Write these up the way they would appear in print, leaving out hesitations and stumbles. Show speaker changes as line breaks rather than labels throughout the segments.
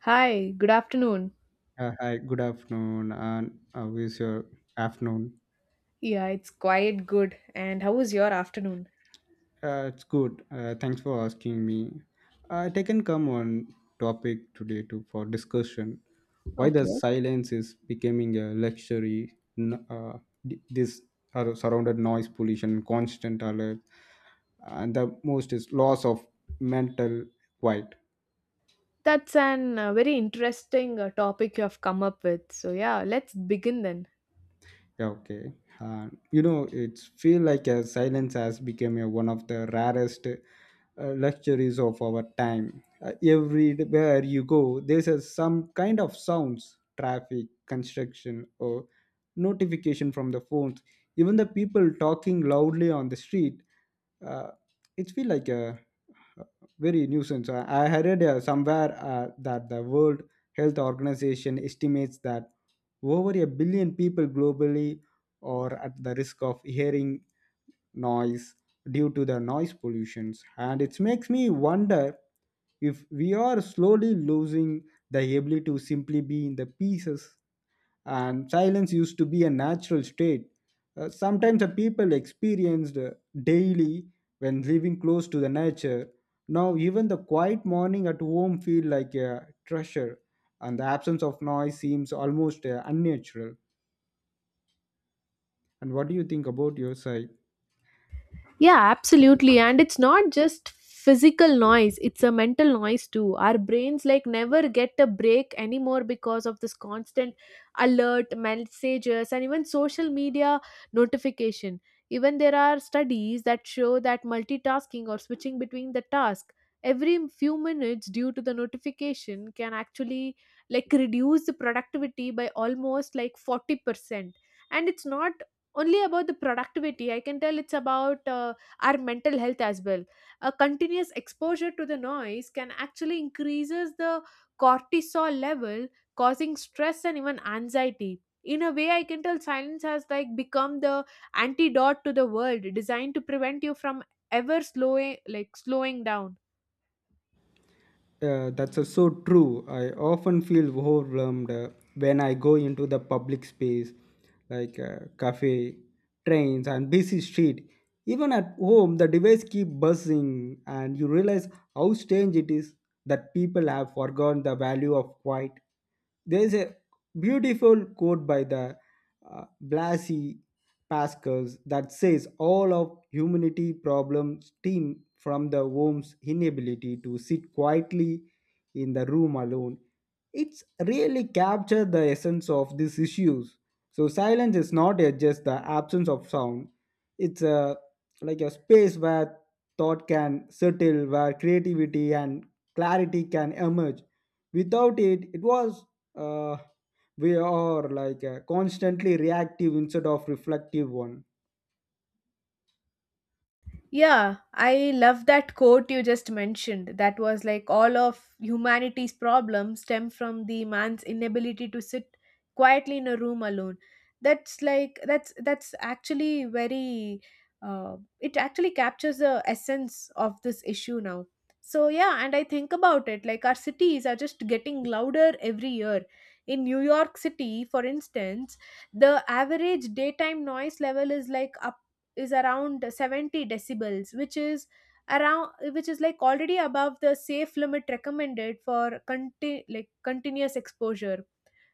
Hi, good afternoon.
Hi, good afternoon, and how is your afternoon?
Yeah, it's quite good. And how was your afternoon?
It's good. Thanks for asking me. I can come on topic today to for discussion. Why the
Okay.
silence is becoming a luxury? This are surrounded noise pollution, constant alert, and the most is loss of mental quiet.
That's an very interesting topic you have come up with. So, yeah, let's begin then.
Yeah, okay. You know, it's feel like a silence has become a, one of the rarest luxuries of our time. Everywhere you go, there's a, some kind of sounds, traffic, construction, or notification from the phones. Even the people talking loudly on the street, uh, it feel like a very nuisance. I heard somewhere that the World Health Organization estimates that over a billion people globally are at the risk of hearing noise due to the noise pollutions, and it makes me wonder if we are slowly losing the ability to simply be in the pieces. And silence used to be a natural state sometimes the people experienced daily when living close to the nature. Now even the quiet morning at home feel like a treasure, and the absence of noise seems almost unnatural. And what do you think about your side?
Yeah, absolutely. And it's not just physical noise, it's a mental noise too. Our brains like never get a break anymore because of this constant alert, messages, and even social media notification. Even there are studies that show that multitasking or switching between the task every few minutes due to the notification can actually like reduce the productivity by almost like 40%, and it's not only about the productivity, I can tell it's about our mental health as well. A continuous exposure to the noise can actually increases the cortisol level, causing stress and even anxiety. In a way, I can tell silence has like become the antidote to the world designed to prevent you from ever slowing like slowing down.
That's so true. I often feel overwhelmed when I go into the public space, like cafe, trains, and busy street. Even at home, the device keep buzzing, and you realize how strange it is that people have forgotten the value of quiet. There is a beautiful quote by the Blasi Pascal that says all of humanity problems stem from the worm's inability to sit quietly in the room alone. It's really captured the essence of these issues. So silence is not a- just the absence of sound. It's a like a space where thought can settle, where creativity and clarity can emerge. Without it, it was uh, we are like constantly reactive instead of reflective one.
Yeah, I love that quote you just mentioned. That was like all of humanity's problems stem from the man's inability to sit quietly in a room alone. That's like that's actually very it actually captures the essence of this issue now. So yeah, and I think about it, like our cities are just getting louder every year. In New York City, for instance, the average daytime noise level is like up is around 70 decibels, which is around, which is like already above the safe limit recommended for like continuous exposure.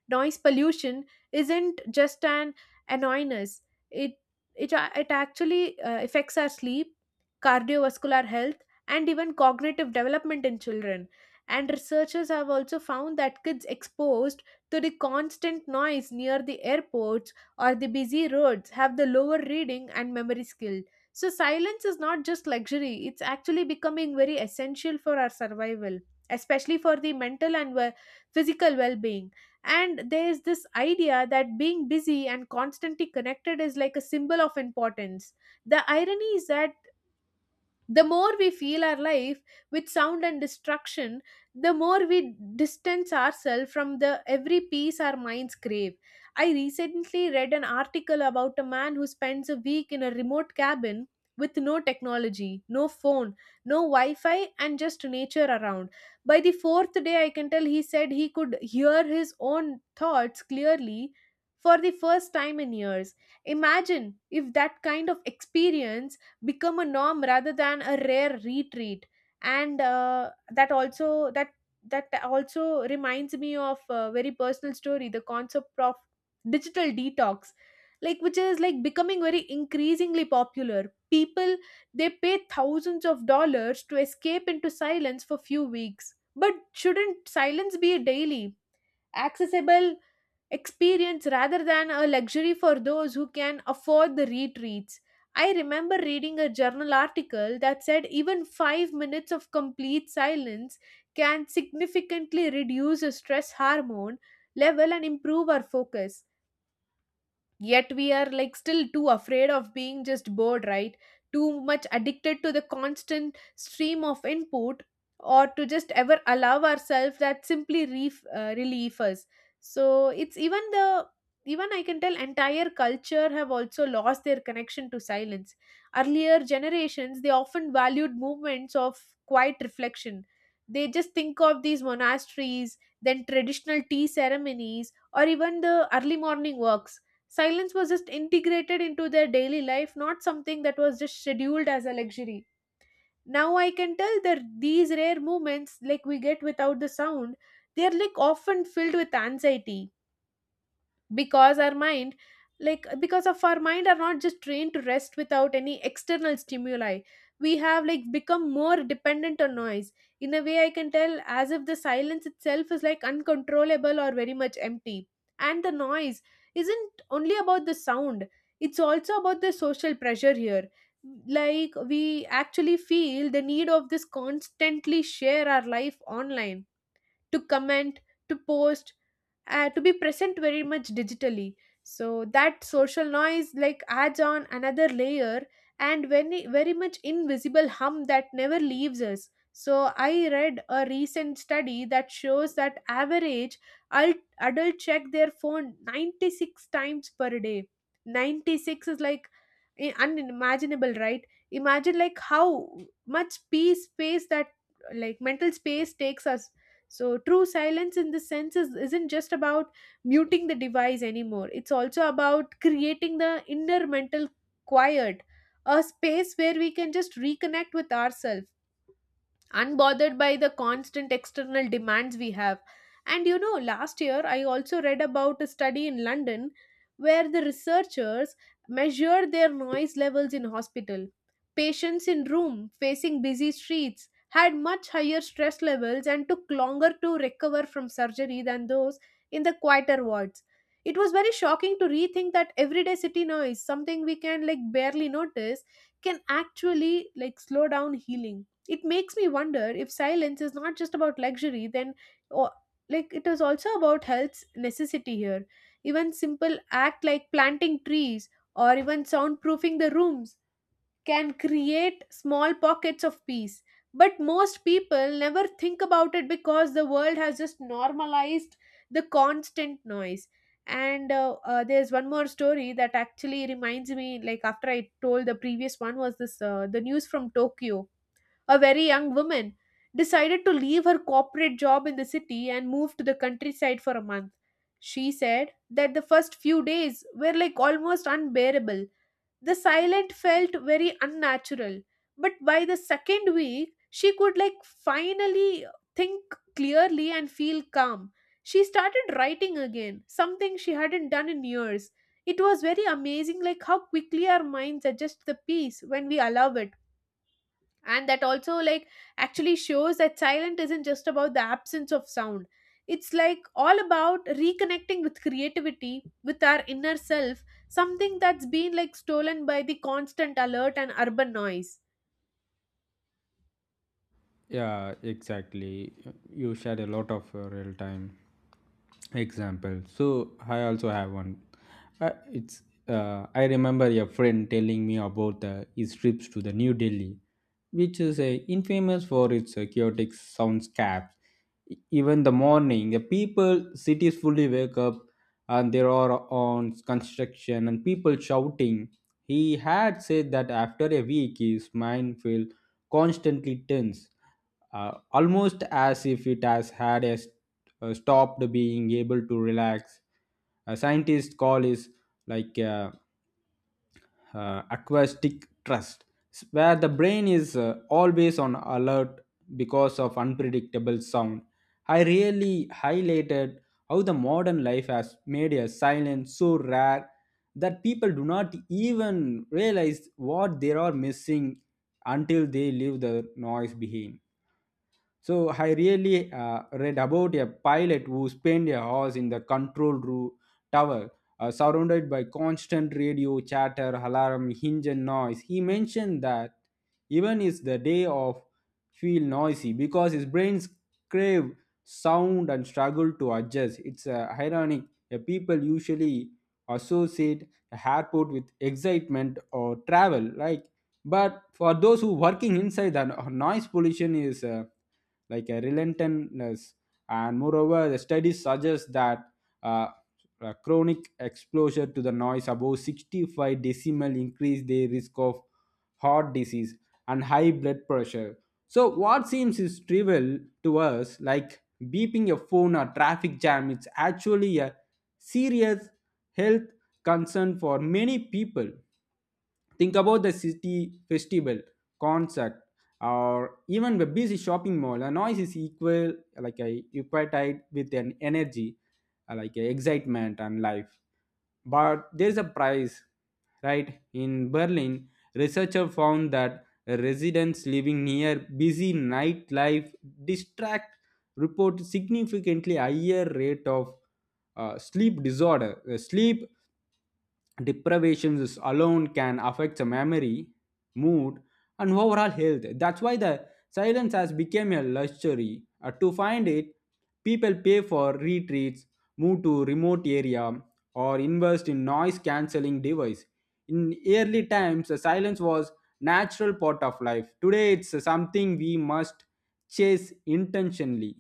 Noise pollution isn't just an annoyance. It it, a- it actually affects our sleep, cardiovascular health, and even cognitive development in children. And researchers have also found that kids exposed to the constant noise near the airports or the busy roads have the lower reading and memory skill. So silence is not just luxury, it's actually becoming very essential for our survival, especially for the mental and physical well-being. And there's this idea that being busy and constantly connected is like a symbol of importance. The irony is that the more we feel our life with sound and destruction, the more we distance ourselves from the every peace our minds crave. I recently read an article about a man who spends a week in a remote cabin with no technology, no phone, no Wi Fi, and just nature around. By the fourth day, I can tell he said he could hear his own thoughts clearly for the first time in years. Imagine if that kind of experience become a norm rather than a rare retreat. And that also reminds me of a very personal story, the concept of digital detox, like which is like becoming very increasingly popular. People, they pay thousands of dollars to escape into silence for few weeks, but shouldn't silence be daily accessible experience rather than a luxury for those who can afford the retreats. I remember reading a journal article that said even 5 minutes of complete silence can significantly reduce the stress hormone level and improve our focus. Yet we are like still too afraid of being just bored, right, too much addicted to the constant stream of input, or to just ever allow ourselves that simply relief us. So it's even I can tell entire culture have also lost their connection to silence. Earlier generations, they often valued movements of quiet reflection. They just think of these monasteries, then traditional tea ceremonies, or even the early morning walks. Silence was just integrated into their daily life, not something that was just scheduled as a luxury. Now I can tell that these rare moments, like we get without the sound, they are like often filled with anxiety because our mind like because of our mind are not just trained to rest without any external stimuli. We have like become more dependent on noise, in a way, I can tell, as if the silence itself is like uncontrollable or very much empty. And the noise isn't only about the sound, it's also about the social pressure here. Like we actually feel the need of this constantly share our life online, to comment, to post, to be present very much digitally. So that social noise like adds on another layer and very very much invisible hum that never leaves us. So I read a recent study that shows that average adult check their phone 96 times per day. 96 is like unimaginable, right? Imagine like how much peace space that, like mental space, takes us. So true, silence in this sense isn't just about muting the device anymore. It's also about creating the inner mental quiet, a space where we can just reconnect with ourselves, unbothered by the constant external demands we have. And you know, last year I also read about a study in London where the researchers measured their noise levels in hospital. Patients in room facing busy streets had much higher stress levels and took longer to recover from surgery than those in the quieter wards. It was very shocking to rethink that everyday city noise, something we can like barely notice, can actually like slow down healing. It makes me wonder if silence is not just about luxury then, or like it is also about health's necessity here. Even simple act like planting trees or even soundproofing the rooms can create small pockets of peace, but most people never think about it because the world has just normalized the constant noise. And there's one more story that actually reminds me, like after I told the previous one, was this, the news from Tokyo. A very young woman decided to leave her corporate job in the city and move to the countryside for a month. She said that the first few days were like almost unbearable. The silence felt very unnatural, but by the second week, she could like finally think clearly and feel calm. She started writing again, something she hadn't done in years. It was very amazing, like how quickly our minds adjust the peace when we allow it. And that also like actually shows that silent isn't just about the absence of sound. It's like all about reconnecting with creativity, with our inner self, something that's been like stolen by the constant alert and urban noise.
Yeah, exactly. You shared a lot of your real time example, so I also have one. It's I remember a friend telling me about his trips to the New Delhi, which is infamous for its chaotic soundscapes. Even the morning the people cities fully wake up, and there are on construction and people shouting. He had said that after a week his mind felt constantly tense, almost as if it has had a stopped being able to relax. A scientist call is like acoustic trust, where the brain is always on alert because of unpredictable sound. I really highlighted how the modern life has made a silence so rare that people do not even realize what they are missing until they leave the noise behind. So I really read about a pilot who spent a hours in the control room tower, surrounded by constant radio chatter, alarm, engine noise. He mentioned that even is the day of feel noisy because his brains crave sound and struggle to adjust. It's ironic. People usually associate a airport with excitement or travel, like. But for those who working inside, the noise pollution is. Like a relentlessness. And moreover, the studies suggest that uh, a chronic exposure to the noise above 65 decimal increase their risk of heart disease, and high blood pressure. So, what seems is trivial to us, like beeping a phone or traffic jam, it's actually a serious health concern for many people. Think about the city festival, concert, or even the busy shopping mall. A noise is equal, like a equated with an energy, like a excitement and life, but there is a price, right? In Berlin, researchers found that residents living near busy nightlife distract report significantly higher rate of sleep deprivations alone can affect the memory, mood, and overall health. That's why the silence has become a luxury. To find it, people pay for retreats, move to remote area, or invest in noise cancelling device. In early times the silence was natural part of life. Today it's something we must chase intentionally.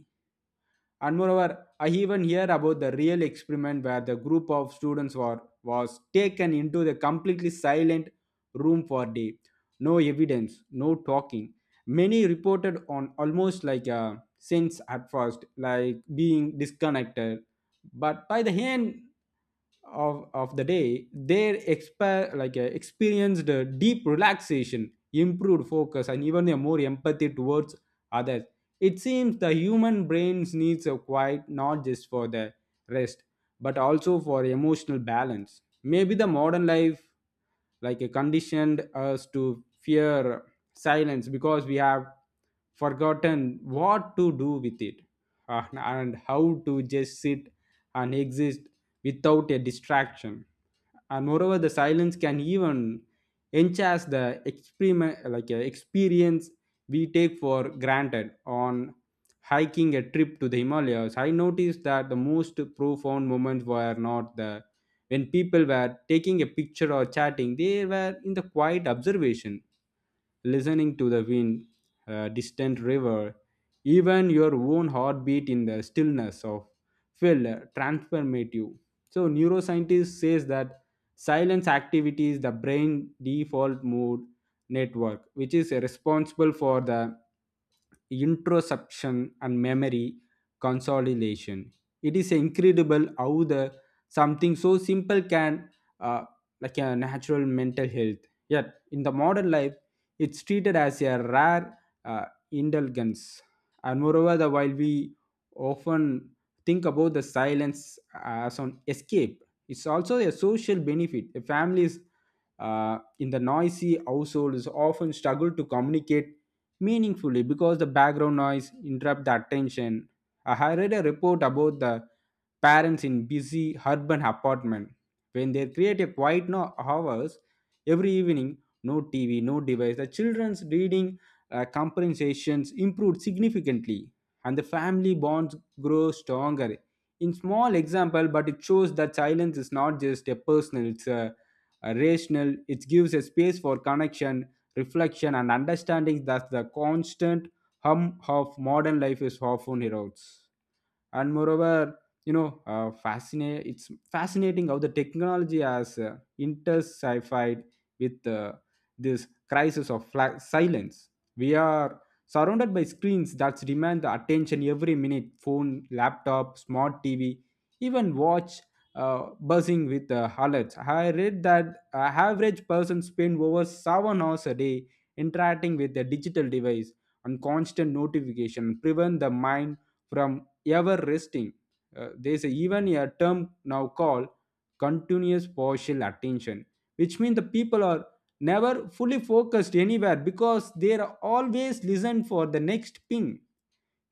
And moreover, I even hear about the real experiment where the group of students were, was taken into the completely silent room for a day. No evidence, no talking. Many reported on almost like a sense at first, like being disconnected, but by the end of the day they experienced a deep relaxation, improved focus, and even a more empathy towards others. It seems the human brains needs a quiet not just for the rest, but also for emotional balance. Maybe the modern life like conditioned us to fear silence because we have forgotten what to do with it, and how to just sit and exist without a distraction. And moreover the silence can even enhance the experiment like experience we take for granted. On hiking a trip to the Himalayas, I noticed that the most profound moments were not the when people were taking a picture or chatting, they were in the quiet observation, listening to the wind, a distant river, even your own heartbeat in the stillness of felt transformative. So neuroscientist says that silence activity is the brain default mode network, which is responsible for the introception and memory consolidation. It is incredible how the something so simple can uh, like a natural mental health, yet in the modern life it's treated as a rare uh, indulgence. And moreover the, while we often think about the silence as an escape, it's also a social benefit. The families in the noisy households often struggle to communicate meaningfully because the background noise interrupt the attention. I had read a report about the parents in busy urban apartment when they create a quiet no hours every evening, no TV, no device. The children's reading compensations improved significantly, and the family bonds grow stronger. In small example, but it shows that silence is not just a personal; it's a rational. It gives a space for connection, reflection, and understanding that the constant hum of modern life is often erodes. And moreover, you know fascinate it's fascinating how the technology has intensified with this crisis of silence. We are surrounded by screens that demand the attention every minute, phone, laptop, smart TV, even watch buzzing with alerts. I read that a average person spend over 7 hours a day interacting with a digital device on constant notification prevent the mind from ever resting. There is a, even a term now called continuous partial attention, which means the people are never fully focused anywhere because they are always listen for the next ping.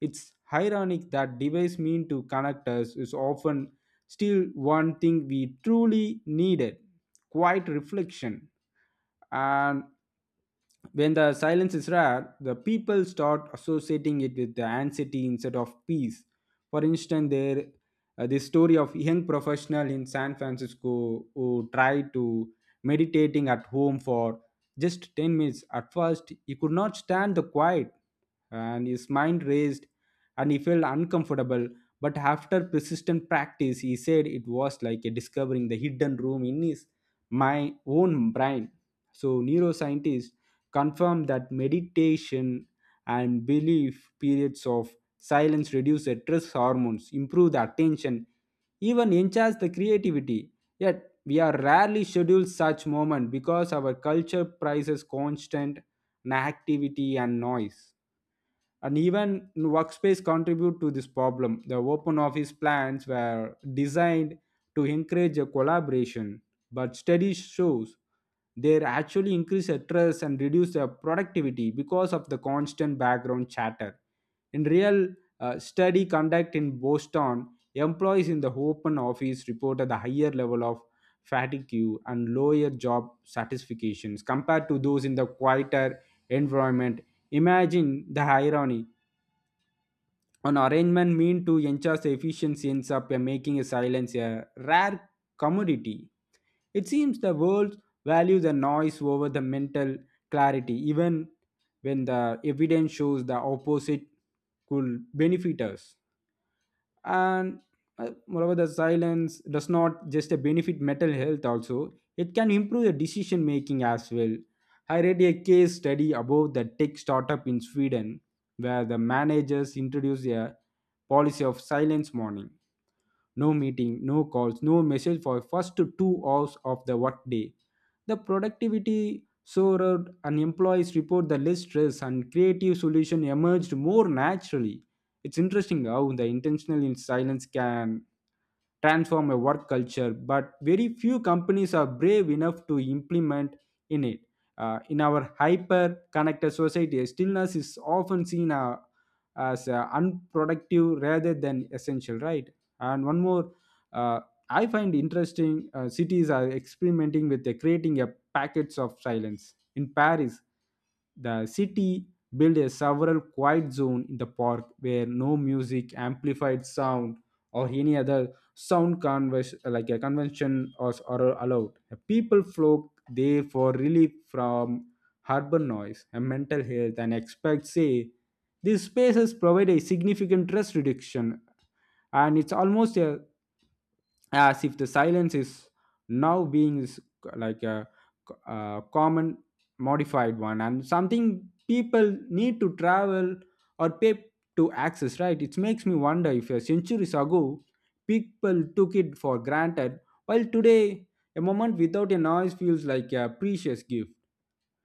It's ironic that device mean to connect us is often still one thing we truly needed, quiet reflection, and when the silence is rare, the people start associating it with the anxiety instead of peace. For instance, there this story of young professional in San Francisco who tried to meditating at home for just 10 minutes. At first, he could not stand the quiet and his mind raced and he felt uncomfortable. But after persistent practice, he said it was like a discovering the hidden room in his my own brain. So neuroscientists confirm that meditation and belief periods of silence reduce stress hormones, improve the attention, even enhance the creativity. Yet we are rarely scheduled such moment because our culture prizes constant activity and noise. And even workspace contribute to this problem. The open office plans were designed to encourage a collaboration, but studies shows they actually increase stress and reduce their productivity because of the constant background chatter. In real study conducted in Boston, employees in the open office reported a higher level of fatigue and lower job satisfactions compared to those in the quieter environment. Imagine the irony an arrangement meant to ensure the efficiency ends up making a silence a rare commodity. It seems the world values the noise over the mental clarity, even when the evidence shows the opposite could benefit us and moreover, the silence does not just benefit mental health, also it can improve the decision making as well. I read a case study about the tech startup in Sweden where the managers introduced a policy of silence morning, no meeting, no calls, no message for first 2 hours of the workday. The productivity soared and employees report the less stress and creative solution emerged more naturally. It's interesting how the intentional in silence can transform a work culture, but very few companies are brave enough to implement in it. In our hyper connected society, stillness is often seen as unproductive rather than essential, right? And one more uh, I find interesting, cities are experimenting with the creating a packets of silence. In Paris, the city built a several quiet zone in the park where no music, amplified sound or any other sound converse, like a convention, or are allowed. People flock there for relief from urban noise, and mental health and experts say these spaces provide a significant stress reduction. And it's almost a, as if the silence is now being is like a common modified one and something people need to travel or pay to access, right? It makes me wonder if a centuries ago people took it for granted, while today a moment without a noise feels like a precious gift.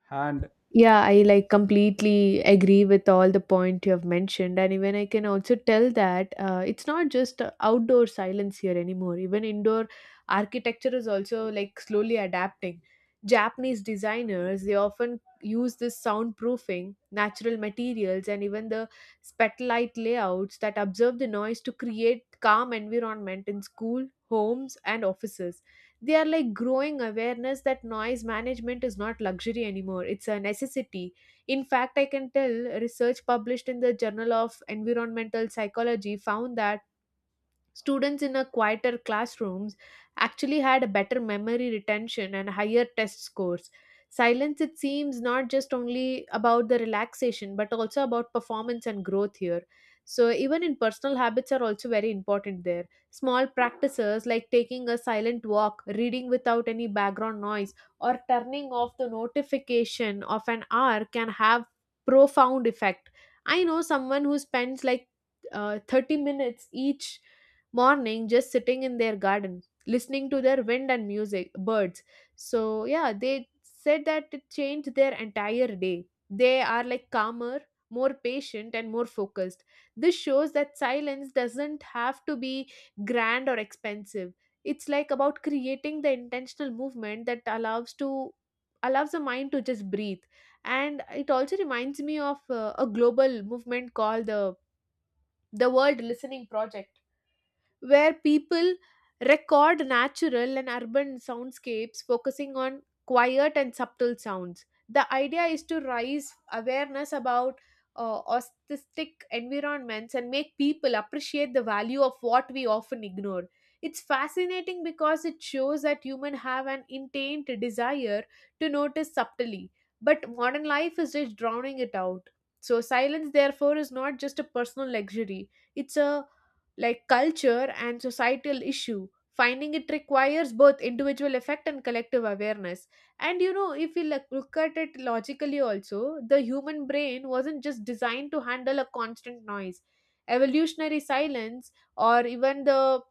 And
Yeah, I like completely agree with all the point you have mentioned, and even I can also tell that it's not just outdoor silence here anymore. Even indoor architecture is also like slowly adapting. Japanese designers, they often use this soundproofing, natural materials, and even the spotlight layouts that observe the noise to create calm environment in school, homes, and offices. They are like growing awareness that noise management is not luxury anymore, it's a necessity. In fact, I can tell research published in the Journal of Environmental Psychology found that students in a quieter classrooms actually had a better memory retention and higher test scores. Silence, it seems, not just only about the relaxation, but also about performance and growth here. So, even in personal habits are also very important there. Small practices like taking a silent walk, reading without any background noise, or turning off the notification of an hour can have profound effect. I know someone who spends like 30 minutes each morning just sitting in their garden listening to their wind and music birds. So yeah, they said that it changed their entire day. They are like calmer, more patient, and more focused. This shows that silence doesn't have to be grand or expensive. It's like about creating the intentional movement that allows the mind to just breathe. And it also reminds me of a global movement called the World Listening Project, where people record natural and urban soundscapes focusing on quiet and subtle sounds. The idea is to raise awareness about uh, aesthetic environments and make people appreciate the value of what we often ignore. It's fascinating because it shows that humans have an intent desire to notice subtly, but modern life is just drowning it out. So, silence, therefore, is not just a personal luxury, it's a like culture and societal issue. Finding it requires both individual effect and collective awareness. And you know, if we look at it logically also, the human brain wasn't just designed to handle a constant noise. Evolutionary silence or even the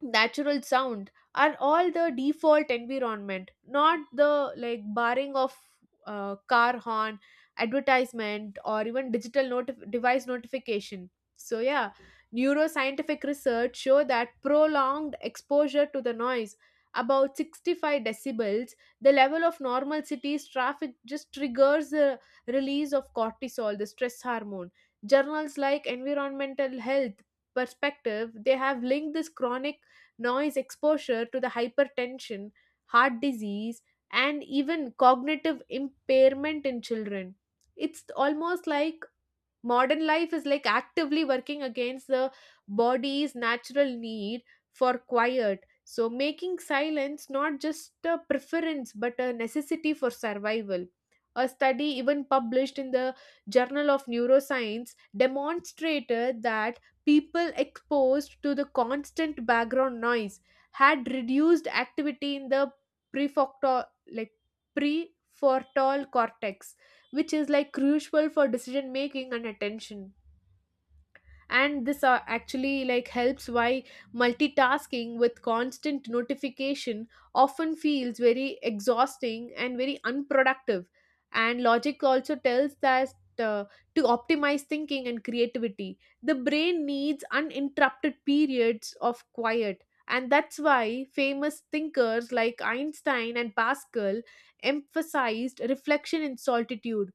natural sound are all the default environment, not the like barring of car horn, advertisement, or even digital device notification. So yeah, neuroscientific research show that prolonged exposure to the noise about 65 decibels, the level of normal cities traffic, just triggers the release of cortisol, the stress hormone. Journals like Environmental Health Perspective, they have linked this chronic noise exposure to the hypertension, heart disease, and even cognitive impairment in children. It's almost like modern life is like actively working against the body's natural need for quiet, so making silence not just a preference but a necessity for survival. A study, even published in the Journal of Neuroscience, demonstrated that people exposed to the constant background noise had reduced activity in the prefrontal like prefrontal cortex, which is like crucial for decision making and attention. And this actually like helps why multitasking with constant notification often feels very exhausting and very unproductive. And logic also tells that, uh, to optimize thinking and creativity, the brain needs uninterrupted periods of quiet. And that's why famous thinkers like Einstein and Pascal emphasized reflection in solitude.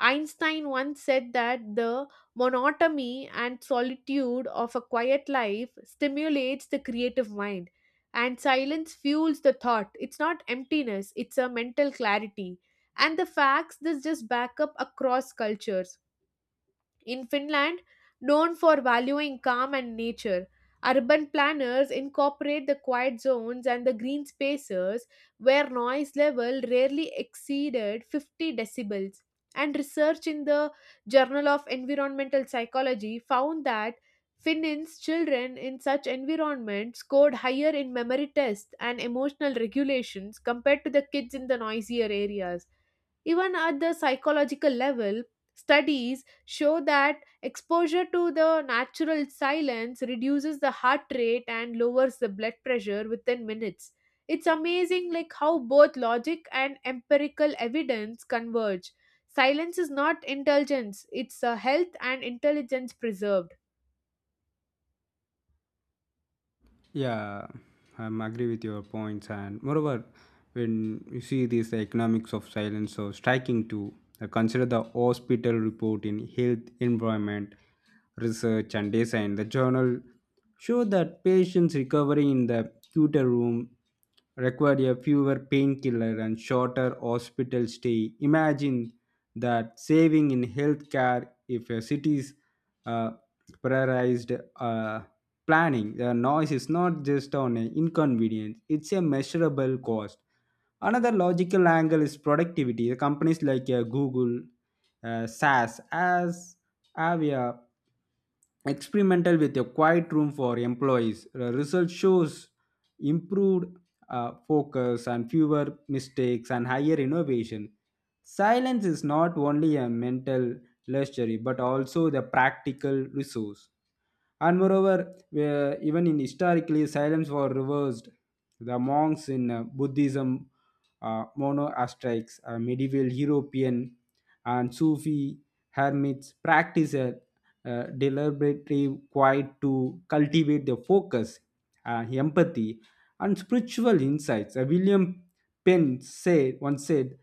Einstein once said that the monotony and solitude of a quiet life stimulates the creative mind, and silence fuels the thought. It's not emptiness, it's a mental clarity. And the facts this just back up across cultures. In Finland, known for valuing calm and nature, urban planners incorporate the quiet zones and the green spaces where noise level rarely exceeded 50 decibels. And research in the Journal of Environmental Psychology found that Finns children in such environments scored higher in memory tests and emotional regulations compared to the kids in the noisier areas. Even at the psychological level, studies show that exposure to the natural silence reduces the heart rate and lowers the blood pressure within minutes. It's amazing like how both logic and empirical evidence converge. Silence is not intelligence, it's a health and intelligence preserved.
yeah, I am agree with your points, and moreover, when you see this economics of silence, so striking too. Consider the hospital report in health, environment, research, and design. The journal show that patients recovering in the cuter room required a fewer painkiller and shorter hospital stay. Imagine that saving in healthcare if a city's uh, prioritized planning not just on a inconvenience, it's measurable cost. Another logical angle is productivity. The companies like Google, SaaS, as have a experimental with a quiet room for employees. The result shows improved focus and fewer mistakes and higher innovation. Silence is not only a mental luxury but also the practical resource. And moreover, where even in historically, silence was reversed. The monks in Buddhism, monastics, medieval European, and Sufi hermits practice a, deliberately quiet to cultivate their focus, empathy, and spiritual insights. William Penn said once said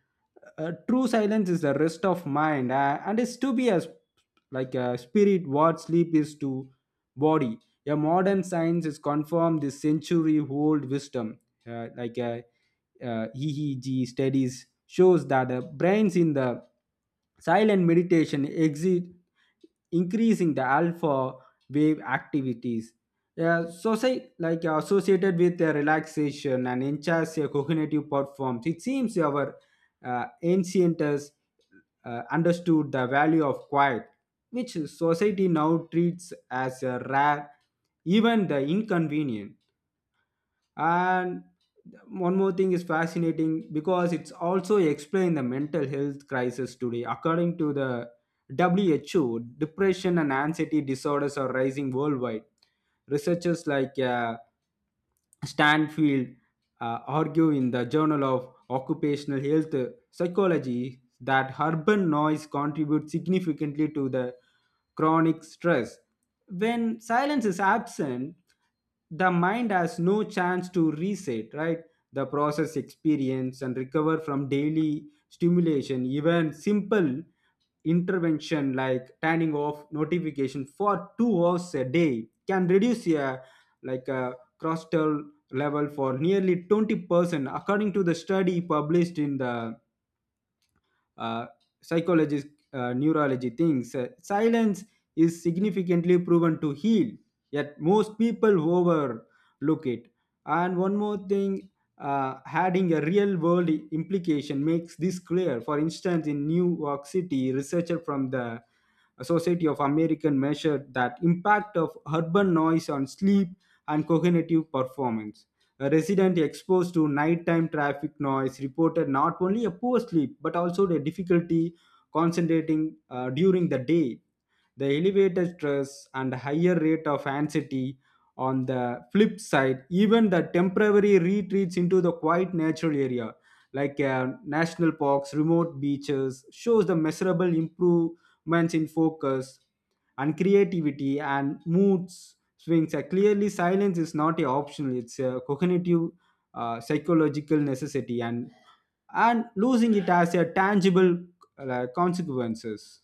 true silence is the rest of mind and is to be as like a spirit what sleep is to body. A modern science is confirmed this century old wisdom, like a EEG studies shows that the brains in the silent meditation exit increasing the alpha wave activities society like associated with the relaxation and enhances your cognitive performance. It seems our ancient us, understood the value of quiet, which society now treats as a rare, even the inconvenient. And one more thing is fascinating because it's also explained the mental health crisis today. According to the WHO, depression and anxiety disorders are rising worldwide. Researchers like Stanfield argue in the Journal of Occupational Health Psychology that urban noise contributes significantly to the chronic stress. When silence is absent, the mind has no chance to reset, right? The process experience and recover from daily stimulation, even simple intervention like turning off notification for 2 hours a day can reduce a like a crustal level for nearly 20% according to the study published in the uh, psychologist neurology things. Silence is significantly proven to heal, yet most people overlook it. And one more thing, adding a real world implication makes this clear. For instance, in New York City, researcher from the society of American measured that impact of urban noise on sleep and cognitive performance. A resident exposed to nighttime traffic noise reported not only a poor sleep but also the difficulty concentrating during the day. The elevated stress and higher rate of anxiety. On the flip side, even the temporary retreats into the quiet natural area like national parks, remote beaches, shows the measurable improvements in focus and creativity and moods swings. Clearly, silence is not a optional; it's a cognitive, psychological necessity, and losing it has a tangible consequences.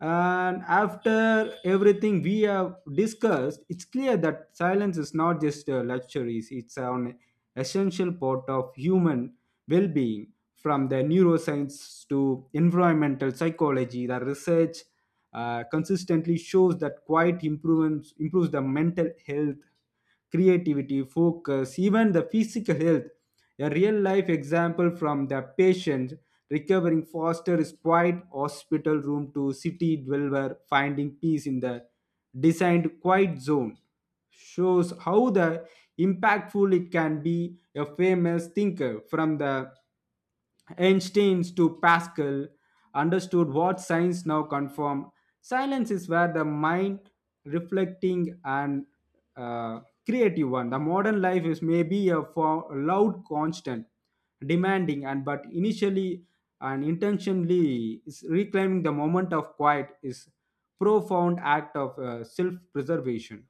And after everything we have discussed, it's clear that silence is not just a luxury, it's an essential part of human well being. From the neuroscience to environmental psychology, the research consistently shows that quiet improves the mental health, creativity, focus, even the physical health. A real life example from the patient recovering foster is quiet hospital room to city dweller finding peace in the designed quiet zone shows how the impactful it can be. A famous thinker from the Einstein to Pascal understood what science now confirm. Silence is where the mind reflecting and uh, creative one. The modern life is maybe a for loud constant, demanding and but initially and intentionally is reclaiming the moment of quiet is profound act of self-preservation.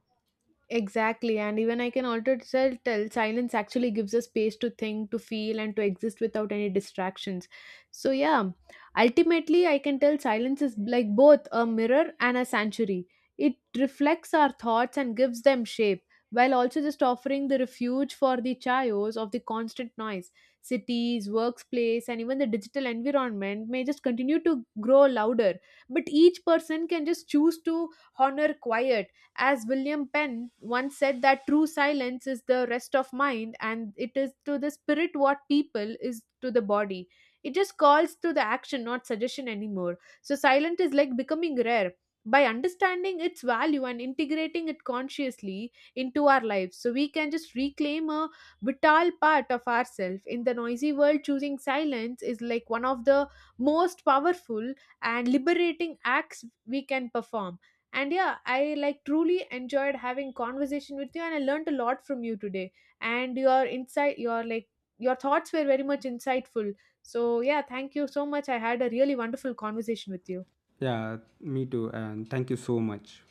Exactly, and even I can also tell, silence actually gives us space to think, to feel, and to exist without any distractions. So, yeah, ultimately, I can tell silence is like both a mirror and a sanctuary. It reflects our thoughts and gives them shape, while also just offering the refuge for the chaos of the constant noise. Cities, workplace, and even the digital environment may just continue to grow louder, but each person can just choose to honor quiet. As William Penn once said, that true silence is the rest of mind, and it is to the spirit what people is to the body. It just calls to the action, not suggestion anymore. So, silent is like becoming rare. By understanding its value and integrating it consciously into our lives, so we can just reclaim a vital part of ourselves. In the noisy world, choosing silence is like one of the most powerful and liberating acts we can perform. And yeah, I like truly enjoyed having conversation with you, and I learned a lot from you today. And your insight, your like your thoughts were very much insightful. So yeah, thank you so much. I had a really wonderful conversation with you.
Yeah, me too. And thank you so much.